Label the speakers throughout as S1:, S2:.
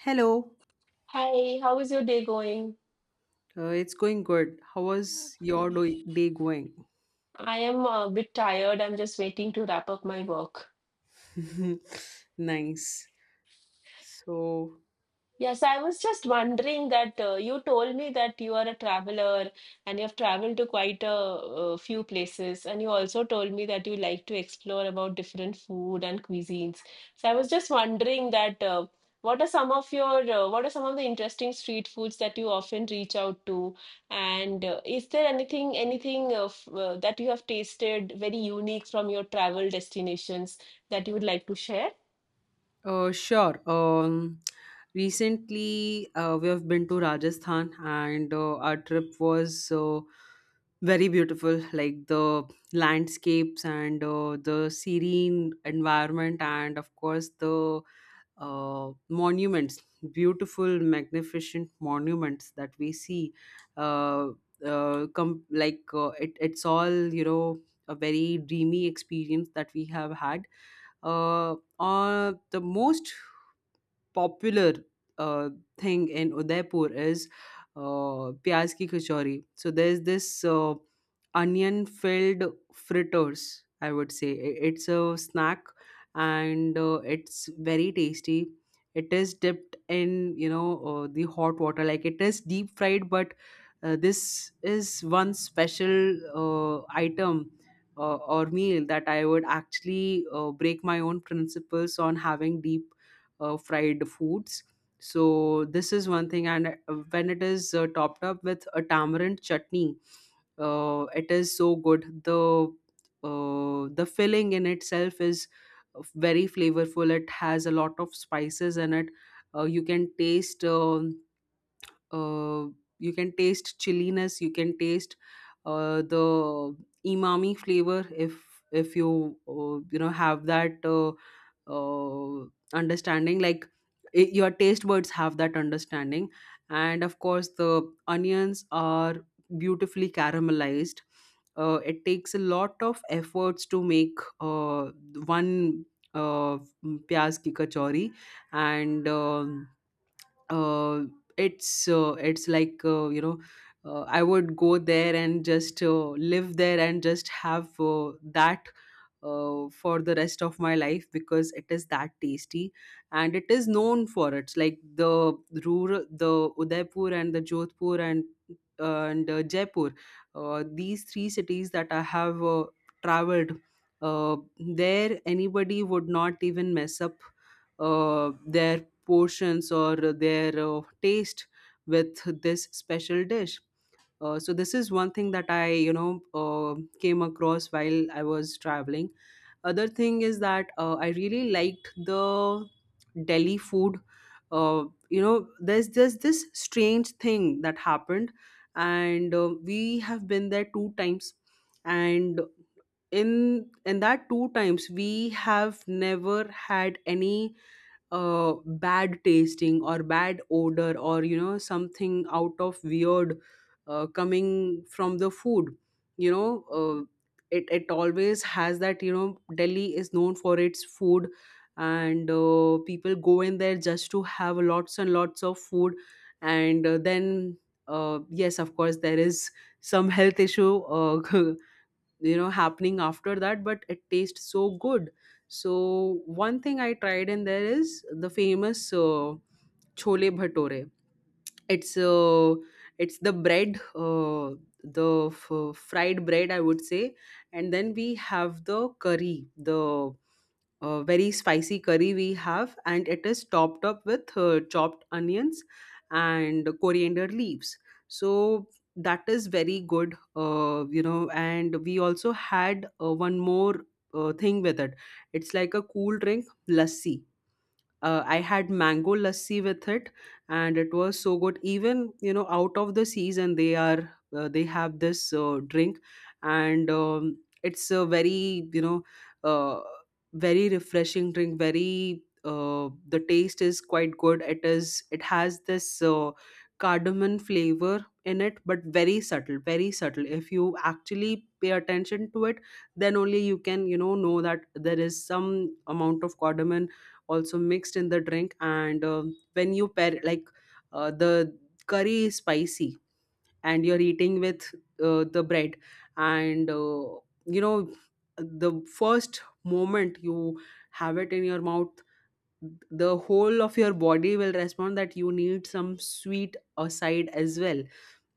S1: Hello.
S2: Hi, how is your day going?
S1: It's going good. How was your
S2: Okay.
S1: day going?
S2: I am a bit tired. I'm just waiting to wrap up my work.
S1: Nice. So,
S2: Yes, I was just wondering that you told me that you are a traveler and you have traveled to quite a few places, and you also told me that you like to explore about different food and cuisines. So I was just wondering that what are some of the interesting street foods that you often reach out to, and is there anything that you have tasted very unique from your travel destinations that you would like to share?
S1: sure. Recently, we have been to Rajasthan, and our trip was very beautiful. Like the landscapes and the serene environment, and of course the monuments, beautiful, magnificent monuments that we see. Uh, it's all a very dreamy experience that we have had. The most popular uh, thing in Udaipur is pyaz ki kachori. So there's this onion filled fritters, I would say. It's a snack, and it's very tasty. It is dipped in, the hot water. Like it is deep fried, but this is one special item or meal that I would actually break my own principles on having deep fried foods. So this is one thing, and when it is topped up with a tamarind chutney, it is so good. The filling in itself is very flavorful. It has a lot of spices in it. Uh, you can taste um uh, you can taste chilliness. You can taste the umami flavor if you you know have that. Uh, understanding like your taste buds have that understanding, and of course the onions are beautifully caramelized. It takes a lot of efforts to make one uh, pyaz ki kachori, and uh, it's like, I would go there and just live there and just have that for the rest of my life, because it is that tasty, and it is known for its, like, the rural, the Udaipur and the Jodhpur and Jaipur. These three cities that I have traveled uh, there, anybody would not even mess up uh, their portions or their taste with this special dish. So this is one thing that I, came across while I was traveling. Other thing is that I really liked the Delhi food. There's this strange thing that happened, and we have been there two times, and in that two times we have never had any bad tasting or bad odor or something out of weird coming from the food you know uh, it always has that, Delhi is known for its food, and people go in there just to have lots and lots of food. And then, yes, of course there is some health issue, happening after that, but it tastes so good. So one thing I tried in there is the famous chole bhature. It's uh, it's the bread, the fried bread, I would say. And then we have the curry, the very spicy curry we have, and it is topped up with chopped onions and coriander leaves. So that is very good. And we also had one more thing with it. It's like a cool drink, lassi. I had mango lassi with it, and it was so good. Even, out of the season, they have this drink. And it's a very, uh, very refreshing drink. Very The taste is quite good. It has this cardamom flavor in it, but very subtle, very subtle. If you actually pay attention to it, then only you can, know that there is some amount of cardamom also mixed in the drink. And when you pair, like, the curry is spicy and you're eating with the bread, and you know the first moment you have it in your mouth, the whole of your body will respond that you need some sweet aside as well,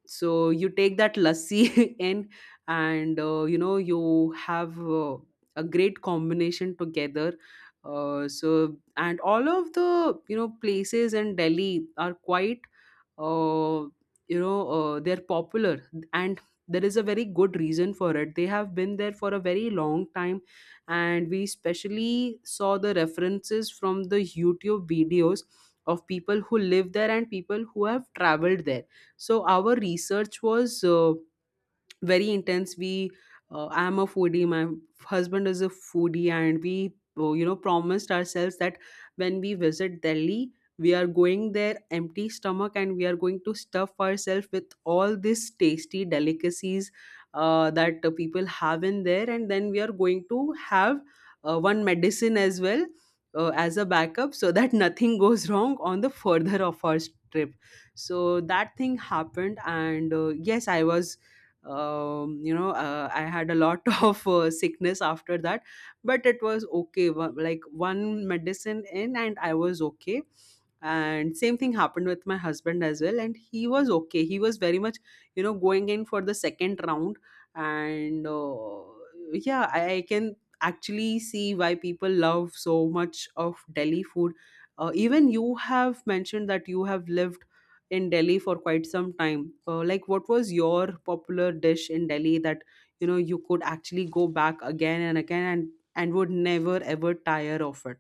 S1: so you take that lassi in, and you have a great combination together. So, and all of the, places in Delhi are quite, uh, they're popular, and there is a very good reason for it. They have been there for a very long time, and we especially saw the references from the YouTube videos of people who live there and people who have traveled there. So our research was very intense. We I am a foodie, my husband is a foodie, and we, promised ourselves that when we visit Delhi, we are going there empty stomach, and we are going to stuff ourselves with all these tasty delicacies that people have in there, and then we are going to have one medicine as well, as a backup, so that nothing goes wrong on the further of our trip. So that thing happened, and yes, I was you know I had a lot of sickness after that. But it was okay. One medicine in, and I was okay. And same thing happened with my husband as well, and he was okay. He was very much, going in for the second round. And yeah, I can actually see why people love so much of Delhi food. Even you have mentioned that you have lived in Delhi for quite some time. Like, what was your popular dish in Delhi that, you could actually go back again and again, and would never ever tire of it?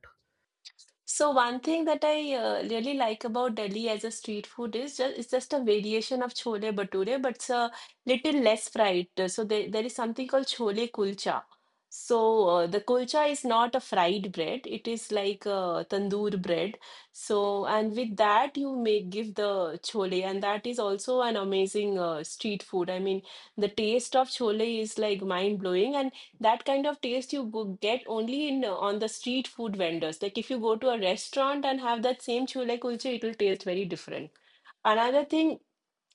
S2: So one thing that I really like about Delhi as a street food is just it's just a variation of chole bhature, but it's a little less fried. So there is something called chole kulcha. So the kulcha is not a fried bread; it is like a tandoor bread. So and with that you may give the chole, and that is also an amazing street food. I mean, the taste of chole is like mind blowing, and that kind of taste you go get only in on the street food vendors. Like if you go to a restaurant and have that same chole kulche, it will taste very different. Another thing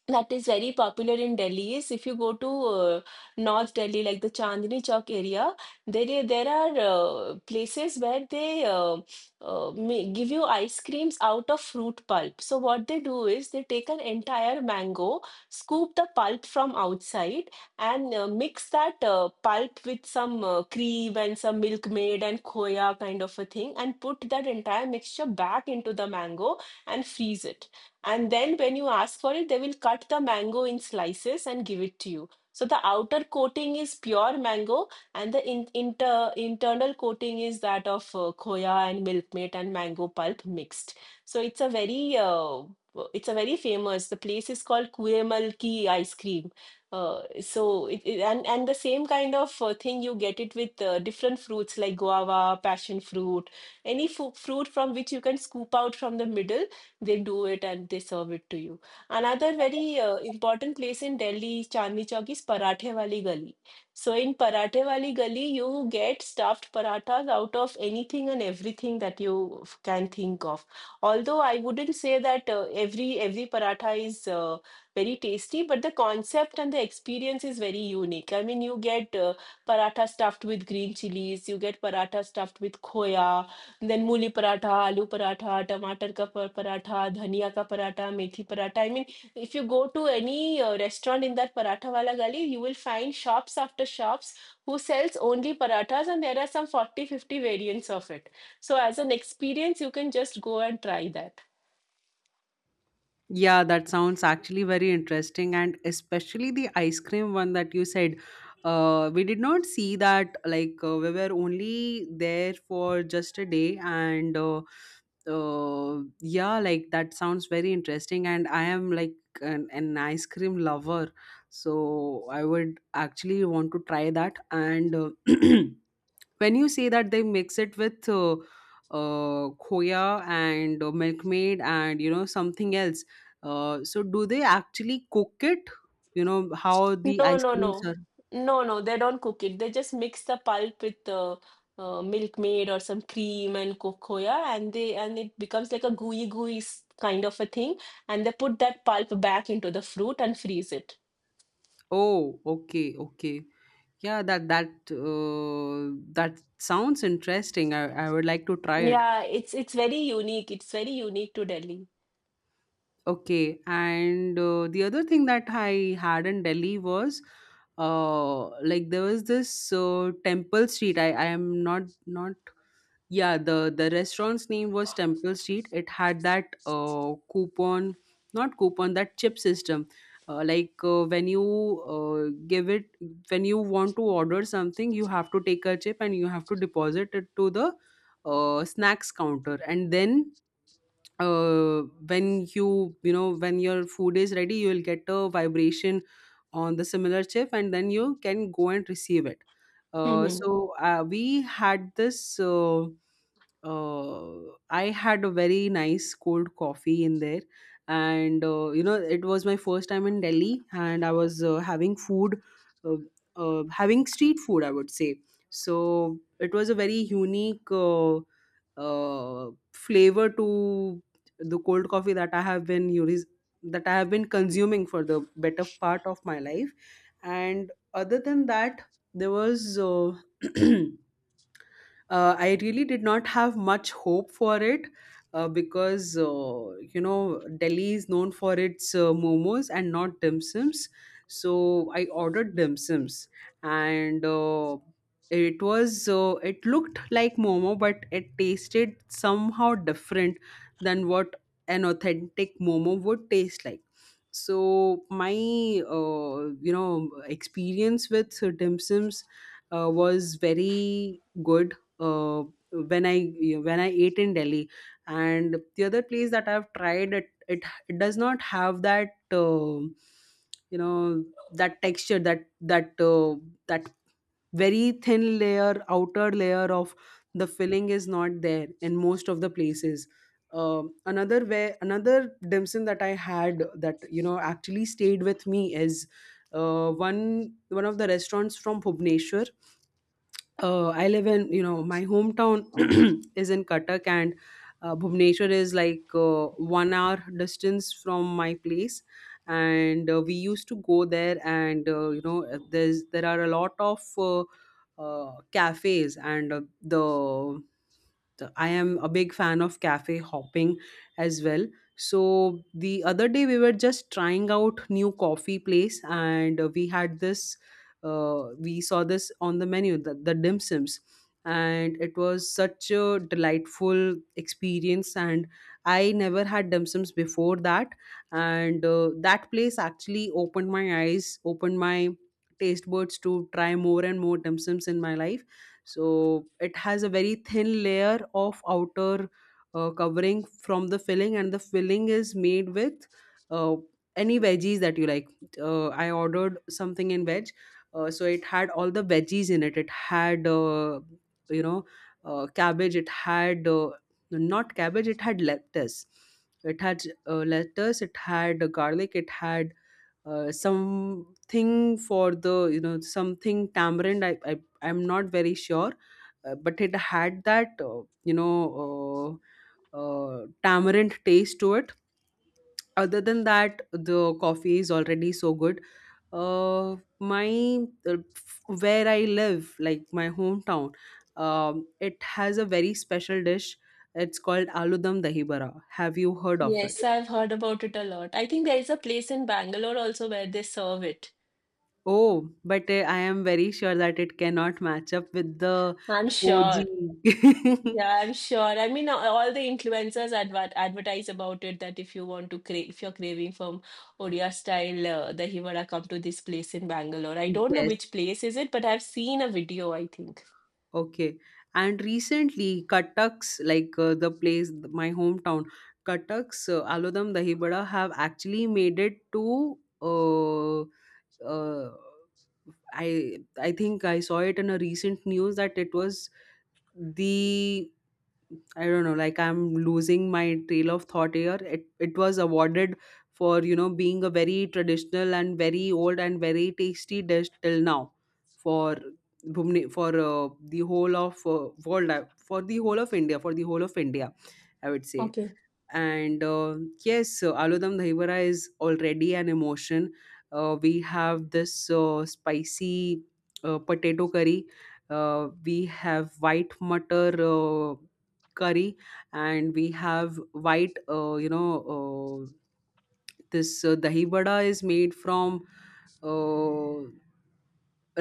S2: that is very popular in Delhi is if you go to North Delhi, like the Chandni Chowk area, there are places where give you ice creams out of fruit pulp. So what they do is they take an entire mango, scoop the pulp from outside, and mix that pulp with some cream and some milkmaid and khoya kind of a thing, and put that entire mixture back into the mango and freeze it. And then when you ask for it, they will cut the mango in slices and give it to you. So the outer coating is pure mango, and the internal coating is that of khoya and milkmaid and mango pulp mixed. So it's a very famous. The place is called Kuemal Ki ice cream. So and the same kind of thing you get it with different fruits like guava, passion fruit, any fu fruit from which you can scoop out from the middle, they do it and they serve it to you. Another very important place in Delhi, Chandni Chowk, is Parathe Wali Gali. So in Parathe Wali Gali, you get stuffed parathas out of anything and everything that you can think of. Although I wouldn't say that every paratha is very tasty, but the concept and the experience is very unique. I mean, you get paratha stuffed with green chilies, you get paratha stuffed with khoya, and then मूली पराठा आलू पराठा टमाटर का पर- पराठा धनिया का पराठा मेथी paratha I mean. If you go to any restaurant in that paratha wala gali, you will find shops after shops who sells only parathas, and there are some 40-50 variants of it. So as an experience you can just go and try that.
S1: Yeah, that sounds actually very interesting, and especially the ice cream one that you said. We did not see that, like, we were only there for just a day, and yeah, like, that sounds very interesting. And I am, like, an ice cream lover, so I would actually want to try that. And when you say that they mix it with khoya and milkmaid and, something else, so do they actually cook it, how the
S2: No,
S1: ice
S2: no,
S1: creams
S2: no.
S1: are?
S2: No, no, they don't cook it. They just mix the pulp with milkmaid or some cream and cocoa, yeah, and they and it becomes like a gooey kind of a thing. And they put that pulp back into the fruit and freeze it.
S1: Oh, okay, okay, yeah. That sounds interesting. I would like to try it.
S2: Yeah, it's very unique. It's very unique to Delhi.
S1: Okay, and the other thing that I had in Delhi was, like, there was this temple street. I am not, not. Yeah, the restaurant's name was Temple Street. It had that coupon, not coupon, that chip system. Uh, like uh, when you uh, give it, when you want to order something, you have to take a chip, and you have to deposit it to the snacks counter, and then, uh, when when your food is ready, you will get a vibration on the similar chip, and then you can go and receive it.
S2: Hmm.
S1: So we had this I had a very nice cold coffee in there, and it was my first time in Delhi, and I was uh, having street food, I would say. So it was a very unique uh, flavor to the cold coffee that I have been unis- that I have been consuming for the better part of my life. And other than that, there was, I really did not have much hope for it, because, Delhi is known for its momos and not dim sums. So I ordered dim sums, and it looked like momo, but it tasted somehow different than what an authentic momo would taste like. So my, experience with dim sums was very good uh, when I when I ate in Delhi. And the other place that I've tried it does not have that, you know that texture, that very thin layer, outer layer of the filling is not there in most of the places. Another dim sum that I had that, actually stayed with me is one of the restaurants from Bhubaneswar. I live in — my hometown is in Cuttack, and Bhubaneswar is, like, 1 hour distance from my place. And we used to go there and, there are a lot of cafes, and the I am a big fan of cafe hopping as well. So the other day we were just trying out new coffee place and we had this we saw this on the menu the dim sims, and it was such a delightful experience, and I never had dim sims before that. And that place actually opened my eyes, opened my taste buds to try more and more dim sims in my life. So it has a very thin layer of outer covering from the filling, and the filling is made with uh, any veggies that you like. I ordered something in veg. So it had all the veggies in it. It had you know cabbage. It had not cabbage, it had lettuce. It had lettuce, it had garlic, it had something for the something tamarind. I'm not very sure. But it had that tamarind taste to it. Other than that, the coffee is already so good. uh my where I live, like my hometown, it has a very special dish. It's called aludam dahi bada. Have you heard of
S2: Yes,
S1: it?
S2: I've heard about it a lot. I think there is a place in Bangalore also where they serve it.
S1: Oh, but I am very sure that it cannot match up with the
S2: I'm
S1: og.
S2: sure. Yeah, I'm sure. I mean, all the influencers advertise about it that if you want to crave, if you're craving from Odia style, the Himara, come to this place in Bangalore. I don't know
S1: yes.
S2: which place is it, but I've seen a video, I think.
S1: Okay. And recently Cuttack's like the place my hometown, Cuttack's aludam dahi bada have actually made it to. uh uh I think I saw it in a recent news that it was the, I don't know, like I'm losing my trail of thought here. It was awarded for, you know, being a very traditional and very old and very tasty dish till now, for Bhumne, for the whole of world, for the whole of India, for the whole of India, I would say.
S2: Okay.
S1: And yes, so aloo dum dahi vada is already an emotion. We have this spicy potato curry. We have white mutter curry, and we have white, uh, this dahi vada is made from uh,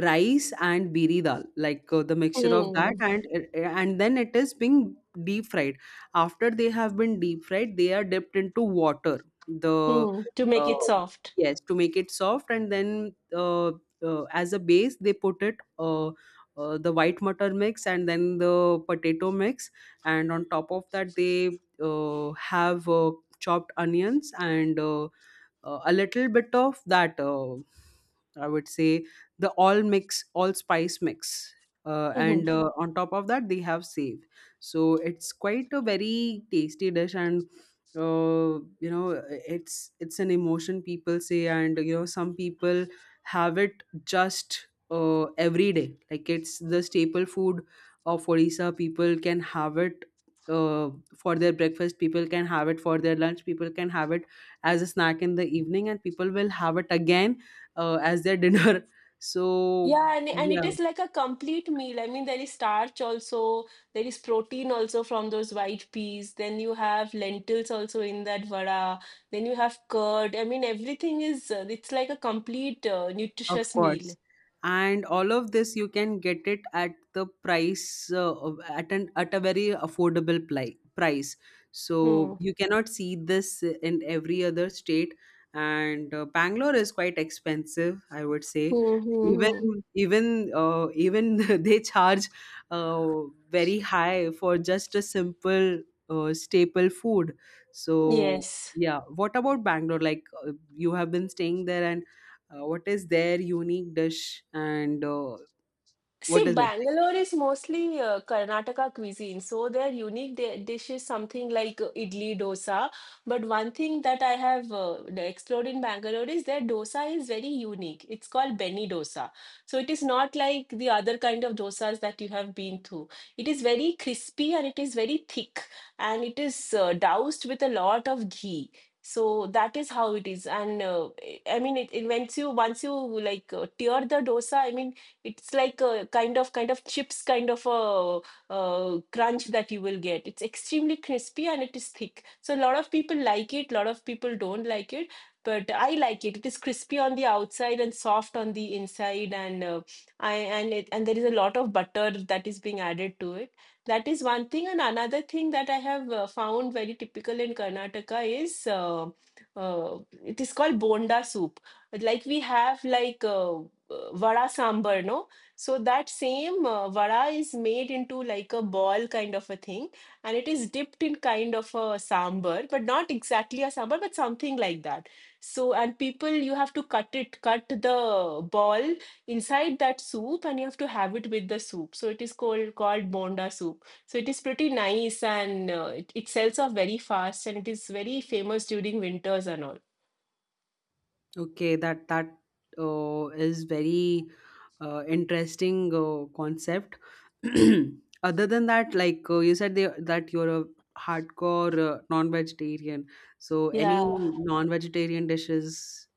S1: rice and biri dal, like the mixture of that.
S2: Hmm.
S1: And then it is being deep fried. After they have been deep fried, they are dipped into water, the
S2: Hmm. To make
S1: uh,
S2: it soft.
S1: yes, to make it soft. And then as a base they put it the white mutter mix and then the potato mix. And on top of that they have chopped onions and a little bit of that, I would say the all mix, all spice mix. And on top of that they have save. So it's quite a very tasty dish. And you know, it's an emotion, people say. And you know, some people have it just every day, like it's the staple food of Odisha. People can have it uh, for their breakfast, people can have it for their lunch, people can have it as a snack in the evening, and people will have it again as their dinner. So
S2: Yeah, and it
S1: yeah.
S2: is like a complete meal. I mean, there is starch also, there is protein also from those white peas. Then you have lentils also in that vada. Then you have curd. I mean, everything it's like a complete
S1: Of
S2: nutritious
S1: course.
S2: meal.
S1: And all of this you can get it at the price at an at a very affordable price. So
S2: Hmm.
S1: you cannot see this in every other state. And Bangalore is quite expensive, I would say.
S2: Hmm, hmm, hmm.
S1: Even even they charge uh, very high for just a simple staple food. So
S2: Yes.
S1: yeah, what about Bangalore? Like you have been staying there, and what is their unique dish, and what
S2: See,
S1: is it like?
S2: Bangalore is mostly Karnataka cuisine, so their unique di dish is something like idli dosa. But one thing that I have explored in Bangalore is their dosa is very unique. It's called Beni dosa. So it is not like the other kind of dosas that you have been through. It is very crispy and it is very thick, and it is doused with a lot of ghee. So that is how it is. And I mean, it once you like tear the dosa, I mean it's like a kind of chips kind of a crunch that you will get. It's extremely crispy and it is thick, so a lot of people like it, a lot of people don't like it, but I like it. It is crispy on the outside and soft on the inside, and I and it and there is a lot of butter that is being added to it. That is one thing, and another thing that I have found very typical in Karnataka is uh, it is called bonda soup. Like we have like vada sambar, no? So that same vada is made into like a ball kind of a thing, and it is dipped in kind of a sambar, but not exactly a sambar, but something like that. So and people, you have to cut the ball inside that soup and you have to have it with the soup, so it is called bonda soup. So it is pretty nice, and it sells off very fast and it is very famous during winters and all.
S1: Okay, that is very interesting concept. Other than that, like you said, that you're a hardcore non-vegetarian. So any
S2: Yeah.
S1: non-vegetarian dishes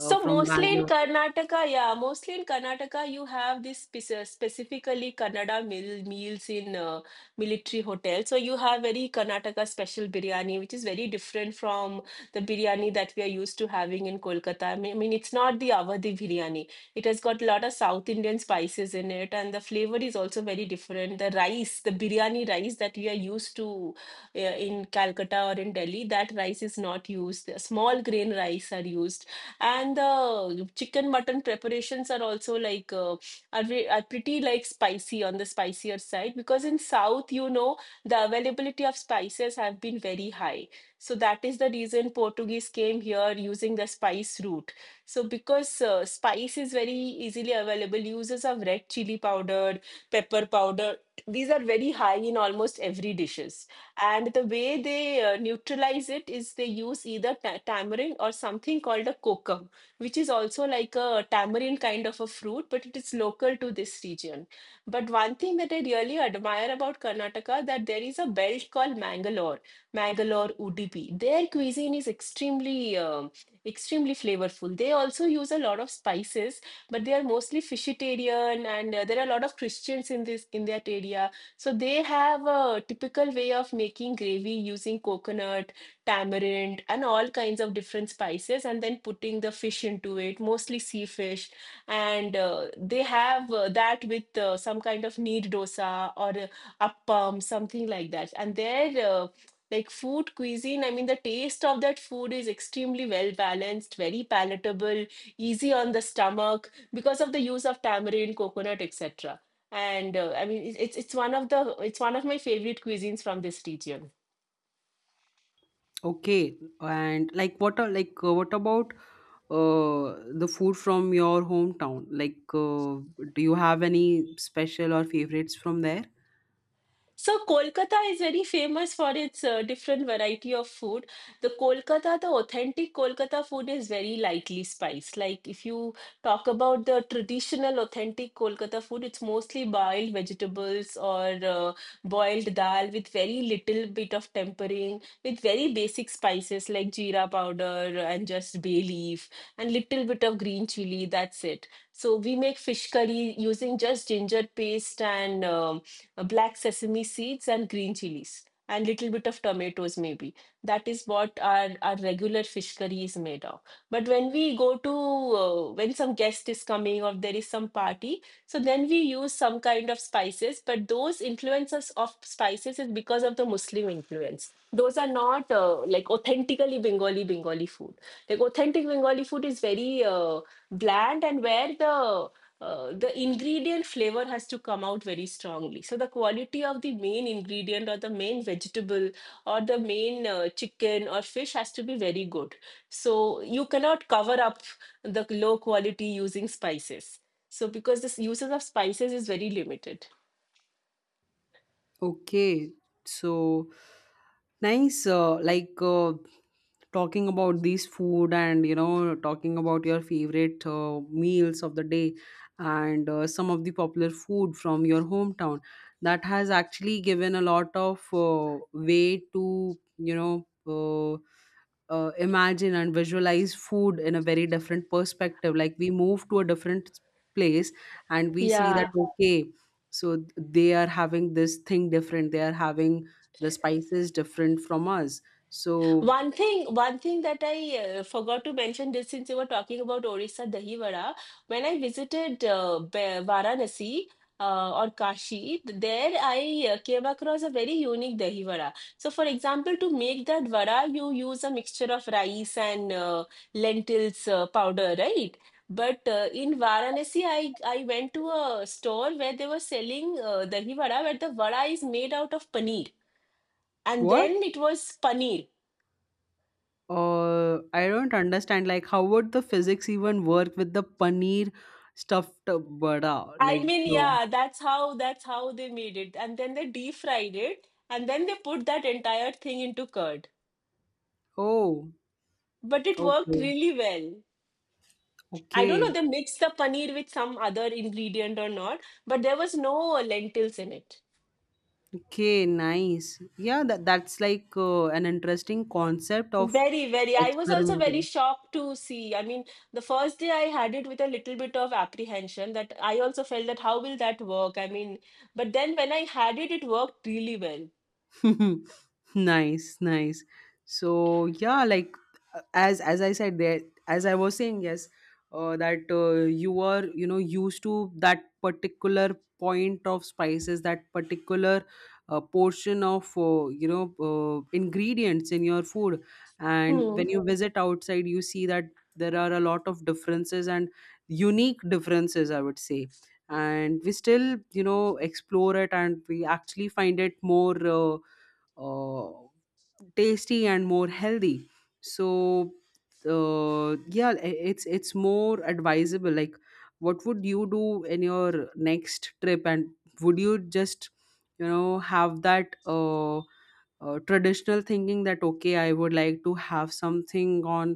S2: So
S1: from
S2: mostly in
S1: Bangalore?
S2: Karnataka, yeah, mostly in Karnataka, you have this specifically Kannada meals in military hotels. So you have very Karnataka special biryani, which is very different from the biryani that we are used to having in Kolkata. I mean, it's not the Awadhi biryani. It has got a lot of South Indian spices in it, and the flavor is also very different. The rice, the biryani rice that we are used to in Calcutta or in Delhi, that rice is not used. The small grain rice are used, and the chicken mutton preparations are also like are pretty like spicy on the spicier side, because in South, you know, the availability of spices have been very high. So that is the reason Portuguese came here using the spice route. So because spice is very easily available, uses of red chili powder, pepper powder, these are very high in almost every dishes, and the way they neutralize it is they use either tamarind or something called a kokum, which is also like a tamarind kind of a fruit, but it is local to this region. But one thing that I really admire about Karnataka, that there is a belt called Mangalore Udupi. Their cuisine is extremely extremely flavorful. They also use a lot of spices, but they are mostly fishitarian, and there are a lot of Christians in this in that area, so they have a typical way of making gravy using coconut, tamarind, and all kinds of different spices, and then putting the fish into it, mostly sea fish. And they have that with some kind of neer dosa or appam, something like that. And their like food cuisine, I mean, the taste of that food is extremely well balanced, very palatable, easy on the stomach because of the use of tamarind, coconut, etc., and I mean it's one of my favorite cuisines from this region.
S1: Okay, and like what are, like what about the food from your hometown? Like, do you have any special or favorites from there?
S2: So Kolkata is very famous for its different variety of food. The authentic Kolkata food is very lightly spiced. Like if you talk about the traditional authentic Kolkata food, it's mostly boiled vegetables or boiled dal with very little bit of tempering, with very basic spices like jeera powder and just bay leaf and little bit of green chili. That's it. So we make fish curry using just ginger paste and black sesame seeds and green chilies and little bit of tomatoes maybe. That is what our regular fish curry is made of. But when we go to when some guest is coming or there is some party, so then we use some kind of spices, but those influences of spices is because of the Muslim influence. Those are not like authentically Bengali food. Like authentic Bengali food is very bland, and where the ingredient flavor has to come out very strongly, so the quality of the main ingredient or the main vegetable or the main chicken or fish has to be very good. So you cannot cover up the low quality using spices, so because this uses of spices is very limited.
S1: Okay, so nice. Like talking about these food, and you know, talking about your favorite meals of the day, and some of the popular food from your hometown. That has actually given a lot of way to, you know. Imagine and visualize food in a very different perspective. Like we move to a different place and we see that,
S2: Yeah.
S1: okay, so they are having this thing different, they are having the spices different from us. So
S2: One thing that I forgot to mention, just since you were talking about Orissa Dahi Vada, when I visited Varanasi or Kashi, there I came across a very unique Dahi Vada. So, for example, to make that vada, you use a mixture of rice and lentils powder, right? But in Varanasi, I went to a store where they were selling Dahi Vada, where the vada is made out of paneer. And
S1: what?
S2: then it was paneer.
S1: I don't understand, like, how would the physics even work with the paneer stuffed burda,
S2: I
S1: like.
S2: mean,
S1: um,
S2: yeah, that's how they made it. And then they deep-fried it, and then they put that entire thing into curd.
S1: oh.
S2: But it worked
S1: Okay.
S2: really well. I don't know,
S1: Okay.
S2: they mixed the paneer with some other ingredient or not, but there was no lentils in it.
S1: Okay. Nice. Yeah, that's like an interesting concept of
S2: Very, very. I was also very
S1: experimenting.
S2: shocked to see. I mean, the first day I had it with a little bit of apprehension, that I also felt that how will that work? I mean, but then when I had it, it worked really well.
S1: nice, nice. So yeah, like as I said there, as I was saying, yes, that you were, you know, used to that particular point of spices, that particular portion of, ingredients in your food. And when
S2: Hmm.
S1: you, yeah, visit outside, you see that there are a lot of differences, and unique differences, I would say. And we still, you know, explore it, and we actually find it more uh, tasty and more healthy. So yeah, it's more advisable, like, what would you do in your next trip? And would you just, you know, have that traditional thinking that okay, I would like to have something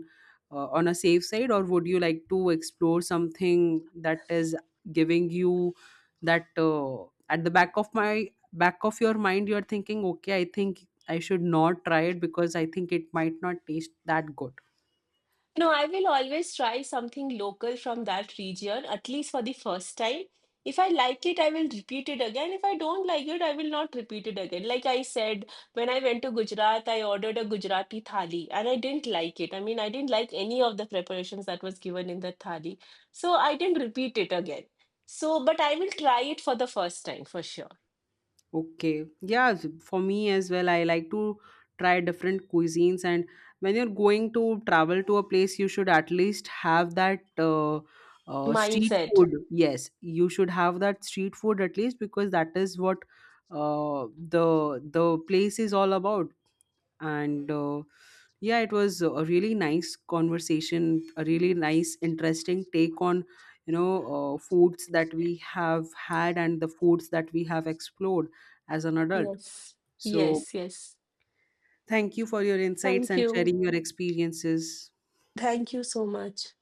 S1: on a safe side? Or would you like to explore something that is giving you that at the back of my, back of your mind you're thinking, okay, I think I should not try it because I think it might not taste that good?
S2: No, I will always try something local from that region, at least for the first time. If I like it, I will repeat it again. If I don't like it, I will not repeat it again. Like I said, when I went to Gujarat, I ordered a Gujarati thali and I didn't like it. I mean, I didn't like any of the preparations that was given in the thali. So I didn't repeat it again. So, but I will try it for the first time for sure.
S1: Okay, yeah, for me as well, I like to try different cuisines. And when you're going to travel to a place, you should at least have that street
S2: Mindset.
S1: food. Yes, you should have that street food at least, because that is what the place is all about. And yeah, it was a really nice conversation, a really nice, interesting take on, you know, foods that we have had and the foods that we have explored as an adult.
S2: Yes.
S1: So
S2: Yes, yes.
S1: thank you for your insights
S2: Thank
S1: and
S2: you.
S1: sharing your experiences.
S2: Thank you so much.